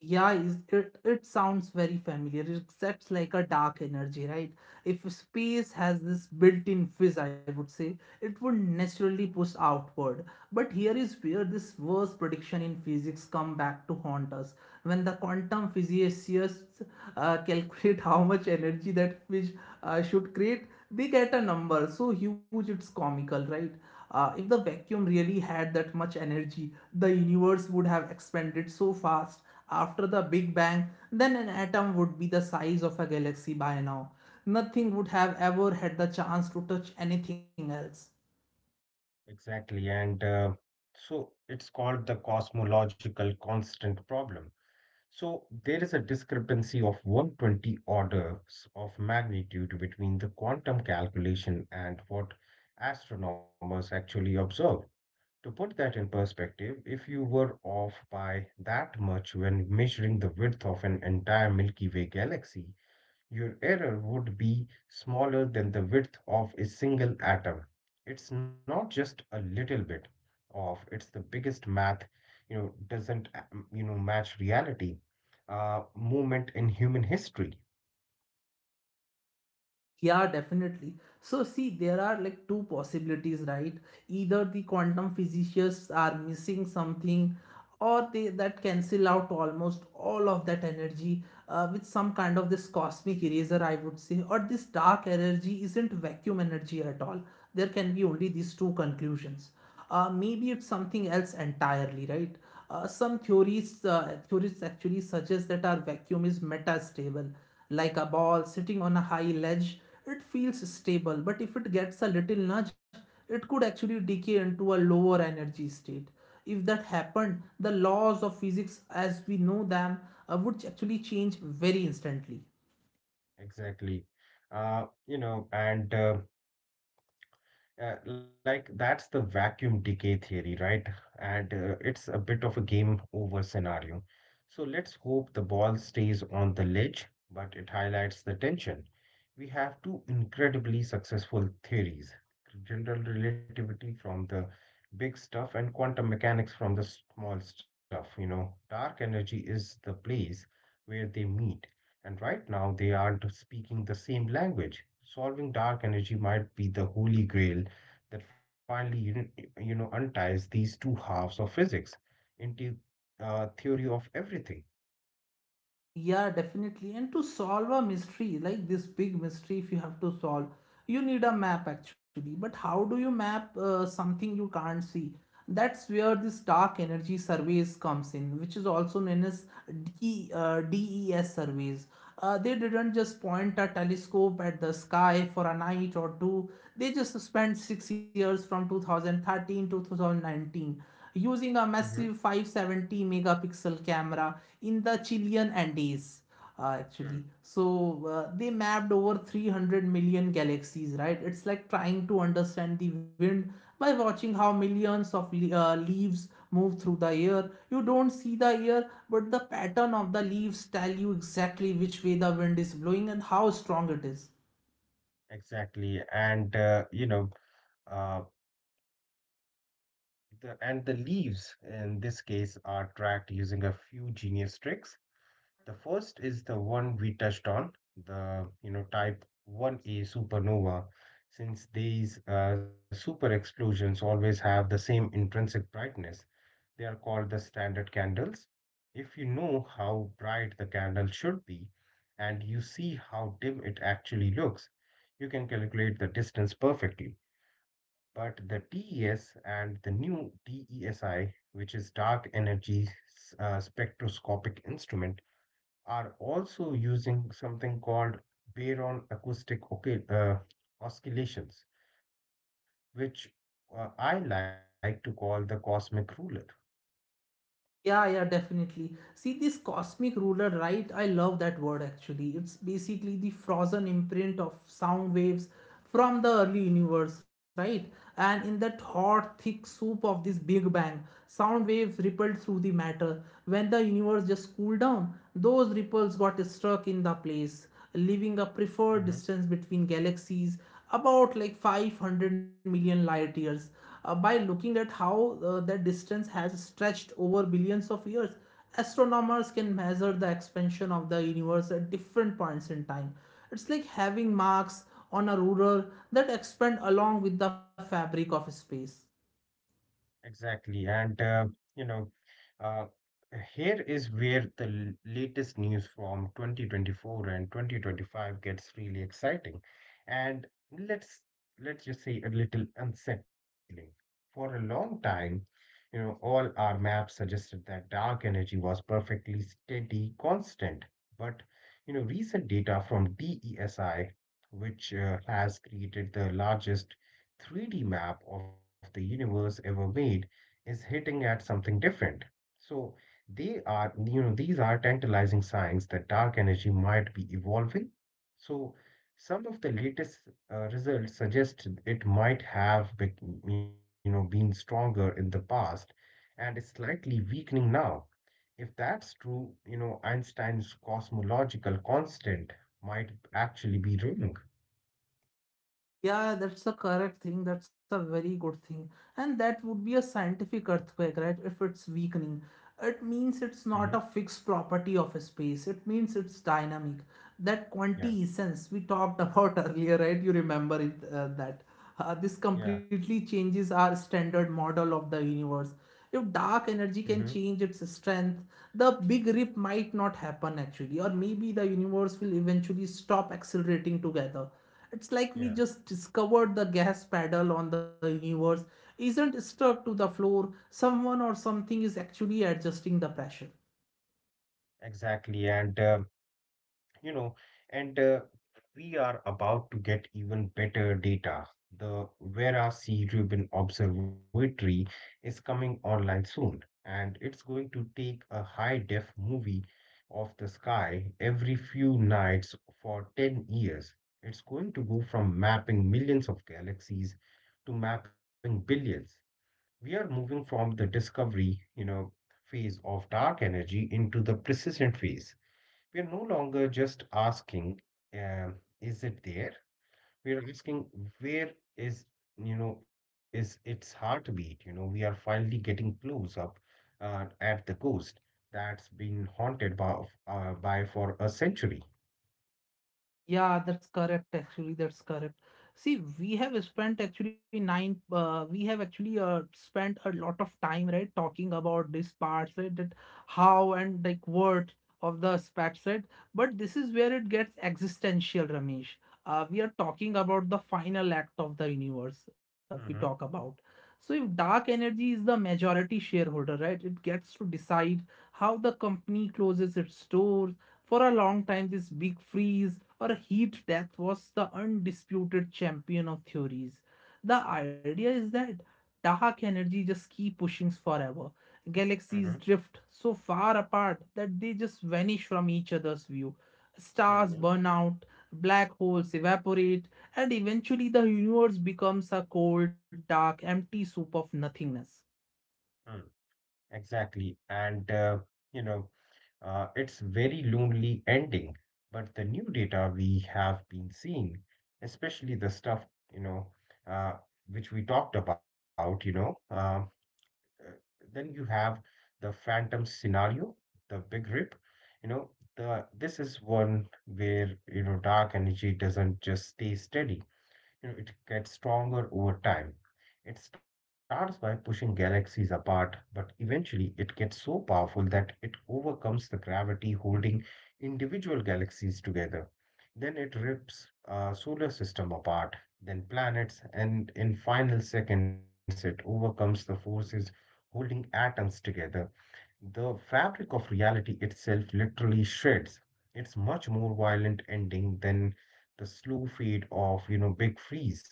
A: Yeah, it, it sounds very familiar. It accepts like a dark energy, right? If space has this built in fizz, I would say, it would naturally push outward. But here is where this worst prediction in physics come back to haunt us. When the quantum physicists *laughs* calculate how much energy that fish should create, they get a number so huge it's comical, right? If the vacuum really had that much energy, the universe would have expanded so fast after the Big Bang, then an atom would be the size of a galaxy by now. Nothing would have ever had the chance to touch anything else.
B: Exactly. And so it's called the cosmological constant problem. So there is a discrepancy of 120 orders of magnitude between the quantum calculation and what astronomers actually observe. To put that in perspective, if you were off by that much when measuring the width of an entire Milky Way galaxy, your error would be smaller than the width of a single atom. It's not just a little bit of, it's the biggest math, you know, doesn't, you know, match reality. Movement in human history.
A: Yeah, definitely. So, see, there are like two possibilities, right? Either the quantum physicists are missing something, or they that cancel out almost all of that energy with some kind of this cosmic eraser, I would say, or this dark energy isn't vacuum energy at all. There can be only these two conclusions. Maybe it's something else entirely, right? Some theories theorists actually suggest that our vacuum is metastable, like a ball sitting on a high ledge. It feels stable, but if it gets a little nudge, it could actually decay into a lower energy state. If that happened, the laws of physics as we know them would actually change very instantly.
B: Exactly. You know, and like That's the vacuum decay theory, right? And it's a bit of a game over scenario. So let's hope the ball stays on the ledge, but it highlights the tension. We have two incredibly successful theories, general relativity from the big stuff and quantum mechanics from the small stuff. You know, dark energy is the place where they meet. And right now, they aren't speaking the same language. Solving dark energy might be the holy grail that finally unties these two halves of physics into theory of everything.
A: Yeah, definitely. And to solve a mystery, like this big mystery, if you have to solve, you need a map actually. But how do you map something you can't see? That's where this dark energy surveys comes in, which is also known as DES surveys. They didn't just point a telescope at the sky for a night or two. They just spent 6 years from 2013 to 2019 using a
B: Mm-hmm.
A: massive 570 megapixel camera in the Chilean Andes.
B: Mm.
A: Actually so They mapped over 300 million galaxies, right. It's like trying to understand the wind by watching how millions of leaves move through the air. You don't see the air, but the pattern of the leaves tell you exactly which way the wind is blowing and how strong it is.
B: Exactly, and uh, the and the leaves in this case are tracked using a few genius tricks. The first is the one we touched on, the type 1A supernova, since these super explosions always have the same intrinsic brightness. They are called the standard candles. If you know how bright the candle should be and you see how dim it actually looks, you can calculate the distance perfectly. But the DES and the new DESI, which is Dark Energy Spectroscopic Instrument, are also using something called baron acoustic uh, oscillations, which I like to call the cosmic ruler.
A: Yeah, yeah, definitely. See this cosmic ruler, right? I love that word actually. It's basically the frozen imprint of sound waves from the early universe, right? And in that hot, thick soup of this Big Bang, sound waves rippled through the matter. When the universe just cooled down, those ripples got stuck in the place, leaving a
B: Mm-hmm.
A: preferred distance between galaxies about like 500 million light years. By looking at how that distance has stretched over billions of years, astronomers can measure the expansion of the universe at different points in time. It's like having marks on a ruler that expand along with the fabric of space.
B: Exactly. You know, uh, Here is where the latest news from 2024 and 2025 gets really exciting. And let's let's just say a little unsettling. For a long time, you know, all our maps suggested that dark energy was perfectly steady, constant. But, you know, recent data from DESI, which has created the largest 3D map of the universe ever made is hitting at something different. So they are, you know, these are tantalizing signs that dark energy might be evolving. So some of the latest results suggest it might have, been stronger in the past and is slightly weakening now. If that's true, you know, Einstein's cosmological constant might actually be wrong.
A: Yeah, that's a correct thing. That's a very good thing. And that would be a scientific earthquake, right? If it's weakening, it means it's
B: hmm
A: not a fixed property of a space. It means it's dynamic. That
B: Yeah.
A: quantiessence we talked *laughs* about earlier, right? You remember it, that this
B: Yeah.
A: completely changes our standard model of the universe. If dark energy
B: hmm
A: can change its strength, the big rip might not happen actually, or maybe the universe will eventually stop accelerating together. It's like we
B: Yeah.
A: just discovered the gas pedal on the universe isn't stuck to the floor. Someone or something is actually adjusting the pressure.
B: Exactly. And, you know, and We are about to get even better data. The Vera C. Rubin Observatory is coming online soon, and it's going to take a high-def movie of the sky every few nights for 10 years. It's going to go from mapping millions of galaxies to mapping billions. We are moving from the discovery, you know, phase of dark energy into the persistent phase. We're no longer just asking, um, is it there? We're asking, where is, you know, is its heartbeat? You know, we are finally getting clues up at the ghost that's been haunted by, by for a century.
A: Yeah, that's correct. Actually, that's correct. See, we have spent actually we have actually spent a lot of time, right, talking about this part, right, that how and like what of the aspects, right? But this is where it gets existential, Ramesh. We are talking about the final act of the universe, we talk
B: Mm-hmm,
A: about. So if dark energy is the majority shareholder, right, it gets to decide how the company closes its doors. For a long time, this big freeze or heat death was the undisputed champion of theories. The idea is that dark energy just keep pushing forever.
B: mm-hmm,
A: Galaxies drift so far apart that they just vanish from each other's view. Stars
B: mm-hmm,
A: burn out, black holes evaporate, and eventually the universe becomes a cold, dark, empty soup of nothingness.
B: mm. Exactly. You know, it's very lonely ending, but the new data we have been seeing, especially the stuff, you know, uh, which we talked about, uh, then you have the phantom scenario, the big rip, you know, the this is one where, you know, dark energy doesn't just stay steady. You know, it gets stronger over time. It starts by pushing galaxies apart, but eventually it gets so powerful that it overcomes the gravity holding individual galaxies together. Then it rips a solar system apart, then planets, and in final seconds it overcomes the forces holding atoms together. The fabric of reality itself literally shreds. It's much more violent ending than the slow fade of, you know, Big Freeze.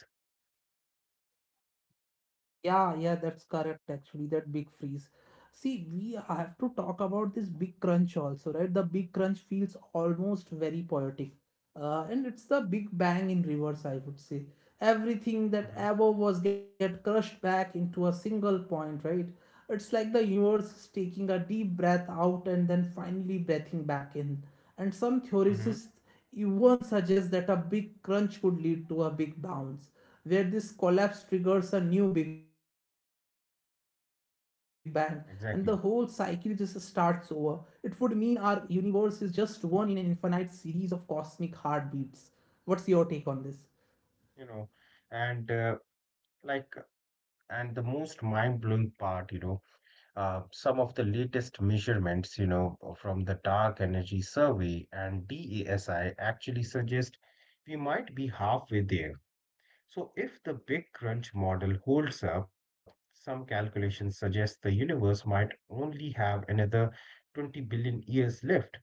A: Yeah, yeah, that's correct actually. That big freeze. See, we have to talk about this big crunch also, right? The big crunch feels almost very poetic, and it's the big bang in reverse, I would say. Everything
B: Mm-hmm.
A: that ever was get crushed back into a single point, right? It's like the universe is taking a deep breath out and then finally breathing back in. And some
B: Mm-hmm.
A: theorists even suggest that a big crunch could lead to a big bounce, where this collapse triggers a new big bang and the whole cycle just starts over.
B: Exactly.
A: It would mean our universe is just one in an infinite series of cosmic heartbeats. What's your take on this?
B: You know, and uh, like, and the most mind-blowing part, you know, some of the latest measurements, from the Dark Energy Survey and DASI actually suggest we might be halfway there. So, if the Big Crunch model holds up, some calculations suggest the universe might only have another 20 billion years left.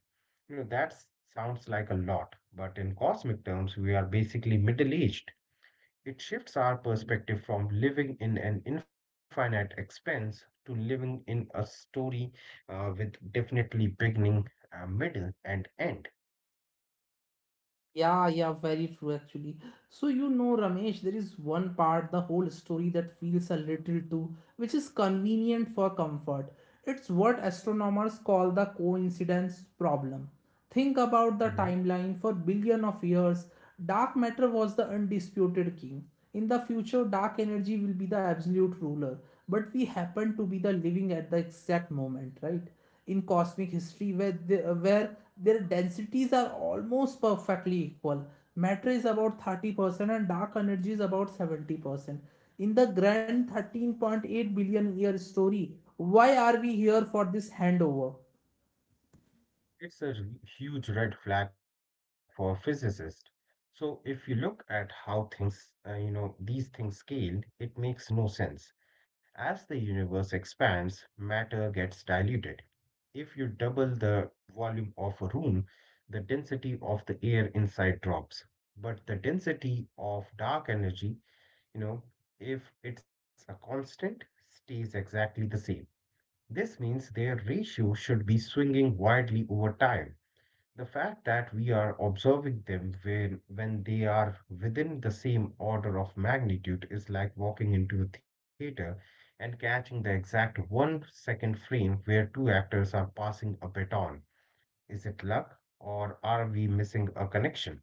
B: You know, that sounds like a lot, but in cosmic terms, we are basically middle aged. It shifts our perspective from living in an infinite expanse to living in a story with definitely beginning, middle, and end.
A: Yeah, yeah, very true actually. So, you know, Ramesh, there is one part, the whole story that feels a little too, which is convenient for comfort. It's what astronomers call the coincidence problem. Think about the timeline for billion of years. Dark matter was the undisputed king. In the future, dark energy will be the absolute ruler, but we happen to be the living at the exact moment, right, in cosmic history where where their densities are almost perfectly equal. Matter is about 30% and dark energy is about 70%. In the grand 13.8 billion year story, why are we here for this handover?
B: It's a huge red flag for physicists. So if you look at how things, these things scaled, it makes no sense. As the universe expands, matter gets diluted. If you double the volume of a room, the density of the air inside drops. But the density of dark energy, you know, if it's a constant, stays exactly the same. This means their ratio should be swinging widely over time. The fact that we are observing them when they are within the same order of magnitude is like walking into a theater and catching the exact 1-second frame where two actors are passing a baton. Is it luck or are we missing a connection?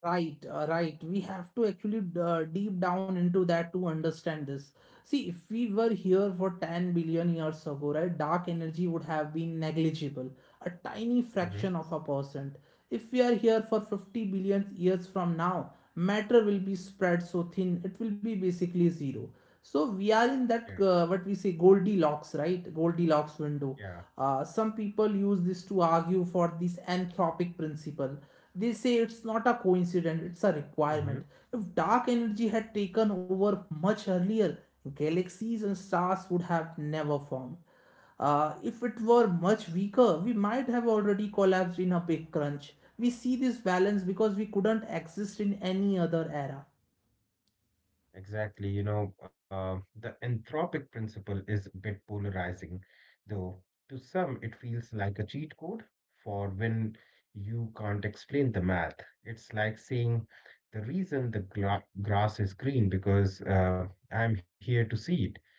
A: Right, right. We have to actually deep down into that to understand this. See, if we were here for 10 billion years ago, right, dark energy would have been negligible, a tiny
B: Mhm.
A: fraction of a percent. If we are here for 50 billion years from now, matter will be spread so thin, it will be basically zero. So we are in that what we say Goldilocks, right? Goldilocks
B: Yeah,
A: window. Some people use this to argue for this anthropic principle. They say it's not a coincidence, it's a
B: yeah.
A: requirement. If dark energy had taken over much earlier, galaxies and stars would have never formed. If it were much weaker, we might have already collapsed in a big crunch. We see this balance because we couldn't exist in any other era.
B: Exactly. You know, the anthropic principle is a bit polarizing, though to some it feels like a cheat code for when you can't explain the math. It's like saying the reason the grass is green because I'm here to see it.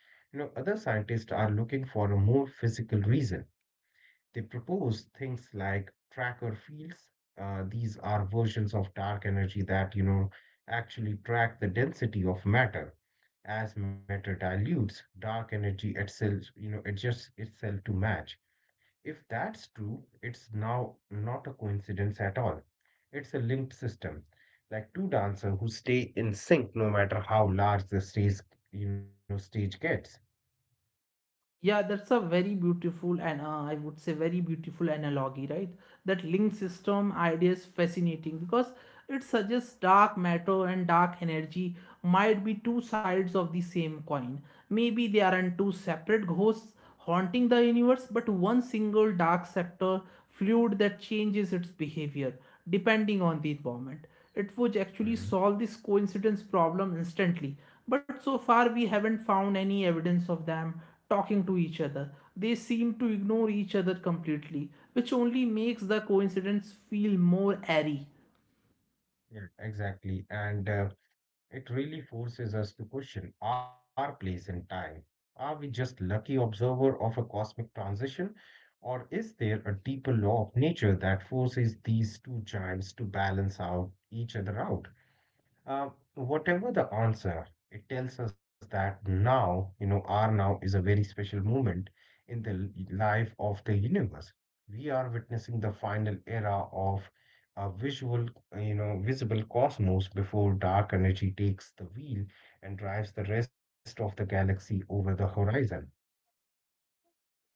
B: You know, other scientists are looking for a more physical reason. They propose things like tracker fields. These are versions of dark energy that, you know, actually track the density of matter. As matter dilutes, dark energy itself, you know, adjusts itself to match. If that's true, it's now not a coincidence at all. It's a linked system, like two dancers who stay in sync no matter how large the stage gets.
A: Yeah, that's a very beautiful and I would say very beautiful analogy, right? That link system idea is fascinating because it suggests dark matter and dark energy might be two sides of the same coin. Maybe they aren't two separate ghosts haunting the universe, but one single dark sector fluid that changes its behavior depending on the environment. It would actually
B: Mm,
A: solve this coincidence problem instantly. But so far, we haven't found any evidence of them talking to each other. They seem to ignore each other completely, which only makes the coincidence feel more airy.
B: yeah. Exactly. And It really forces us to question our place in time. Are we just lucky observer of a cosmic transition, or is there a deeper law of nature that forces these two giants to balance out each other out? Whatever the answer, it tells us that now, you know, our now is a very special moment in the life of the universe. We are witnessing the final era of a visual, visible cosmos before dark energy takes the wheel and drives the rest of the galaxy over the horizon.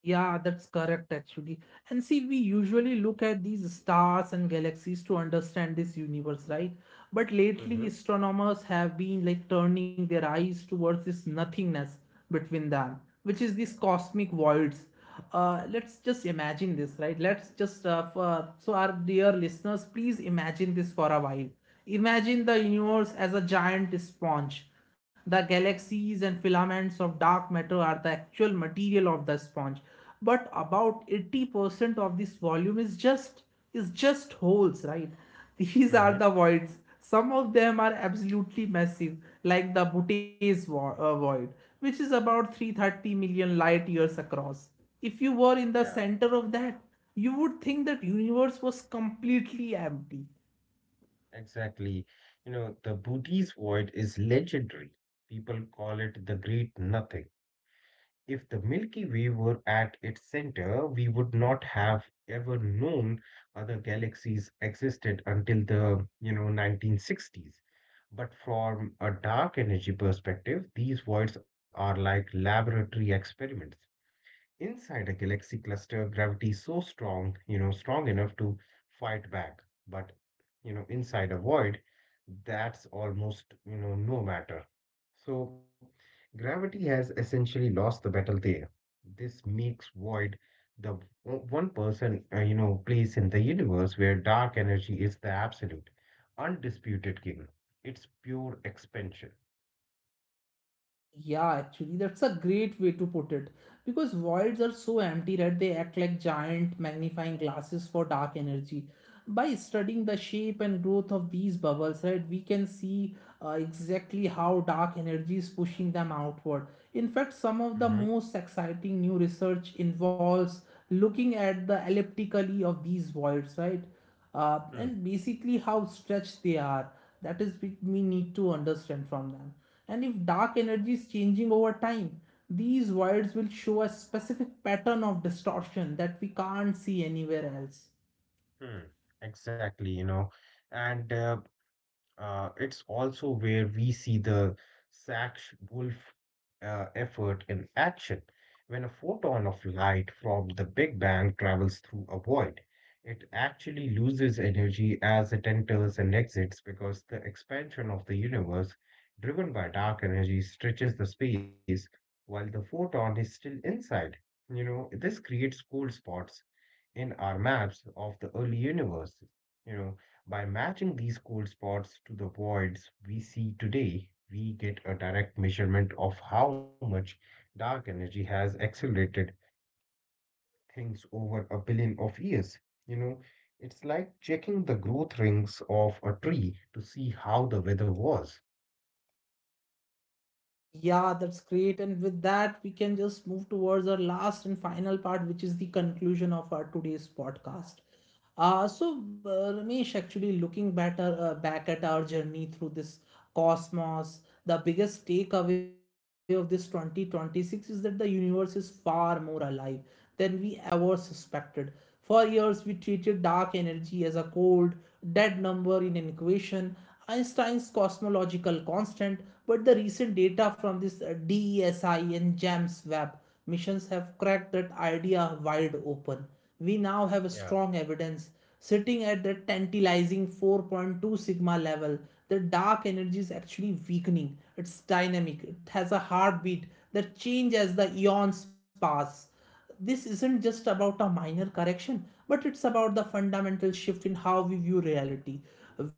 A: Yeah, that's correct actually. And see, we usually look at these stars and galaxies to understand this universe, right? But lately,
B: hmm
A: astronomers have been like turning their eyes towards this nothingness between them, which is these cosmic voids. Let's just imagine this, right? So our dear listeners, please imagine this for a while. Imagine the universe as a giant sponge. The galaxies and filaments of dark matter are the actual material of the sponge, but about 80% of this volume is just holes, right? *laughs* These are
B: Mm-hmm.
A: the voids. Some of them are absolutely massive, like the Butes void, which is about 330 million light years across. If you were in
B: Yeah,
A: the center of that, you would think that universe was completely empty.
B: exactly. You know, the Buddhist void is legendary. People call it the great nothing. If the Milky Way were at its center, we would not have ever known other galaxies existed until the, you know, 1960s. But from a dark energy perspective, these voids are like laboratory experiments. Inside a galaxy cluster, gravity is so strong, you know, strong enough to fight back. But, you know, inside a void, that's almost, you know, no matter. So, gravity has essentially lost the battle there. This makes void the one person, place in the universe where dark energy is the absolute, undisputed king. It's pure expansion.
A: Yeah, actually, that's a great way to put it. Because voids are so empty, right? They act like giant magnifying glasses for dark energy. By studying the shape and growth of these bubbles, right, we can see exactly how dark energy is pushing them outward. In fact, some
B: hmm
A: of the most exciting new research involves looking at the elliptically of these voids, right? uh,
B: hmm
A: and basically how stretched they are. That is what we need to understand from them. And if dark energy is changing over time, these voids will show a specific pattern of distortion that we can't see anywhere else.
B: hmm. Exactly, you know. And It's also where we see the Sachs Wolf effort in action. When a photon of light from the Big Bang travels through a void, it actually loses energy as it enters and exits because the expansion of the universe, driven by dark energy, stretches the space while the photon is still inside. You know, this creates cold spots in our maps of the early universe. You know, by matching these cold spots to the voids we see today, we get a direct measurement of how much dark energy has accelerated things over a billion of years. You know, it's like checking the growth rings of a tree to see how the weather was.
A: Yeah, that's great. And with that, we can just move towards our last and final part, which is the conclusion of our today's podcast. So, Ramesh, actually looking back, back at our journey through this cosmos, the biggest takeaway of this 2026 is that the universe is far more alive than we ever suspected. For years, we treated dark energy as a cold, dead number in an equation, Einstein's cosmological constant, but the recent data from this DESI and JAMS web missions have cracked that idea wide open. We now have
B: Yeah,
A: strong evidence sitting at the tantalizing 4.2 sigma level the dark energy is actually weakening. It's dynamic. It has a heartbeat that changes as the eons pass. This isn't just about a minor correction, but it's about the fundamental shift in how we view reality.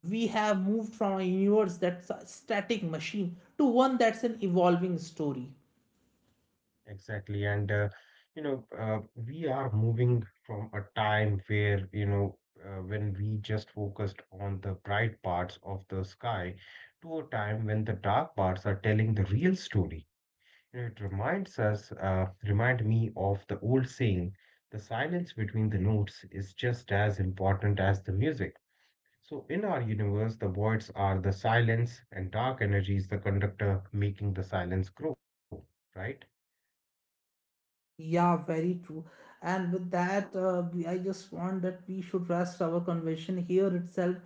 A: We have moved from a universe that's a static machine to one that's an evolving story.
B: exactly. We are moving from a time where, you know, when we just focused on the bright parts of the sky to a time when the dark parts are telling the real story. You know, it reminds us, remind me of the old saying, the silence between the notes is just as important as the music. So in our universe, the voids are the silence and dark energy is the conductor making the silence grow, right?
A: Yeah, very true. And with that, I just want that we should rest our conversation here itself.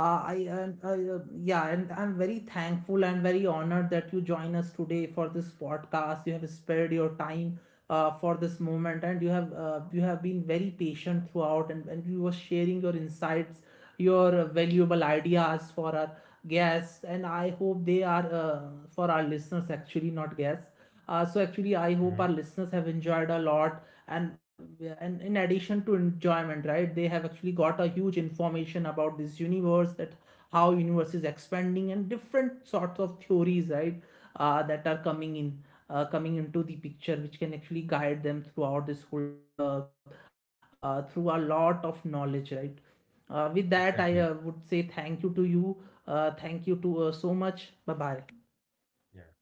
A: I and I, yeah, and I'm very thankful and very honored that you join us today for this podcast. You have spared your time for this moment, and you have been very patient throughout, and you were sharing your insights, your valuable ideas for our guests, and I hope they are for our listeners actually, not guests. So actually, I hope our listeners have enjoyed a lot, and in addition to enjoyment, right, they have actually got a huge information about this universe, that how universe is expanding, and different sorts of theories, right, that are coming into the picture, which can actually guide them throughout this whole, through a lot of knowledge, right. With that,
B: Exactly.
A: I would say thank you to you. Thank you to so much. Bye bye.
B: Yeah.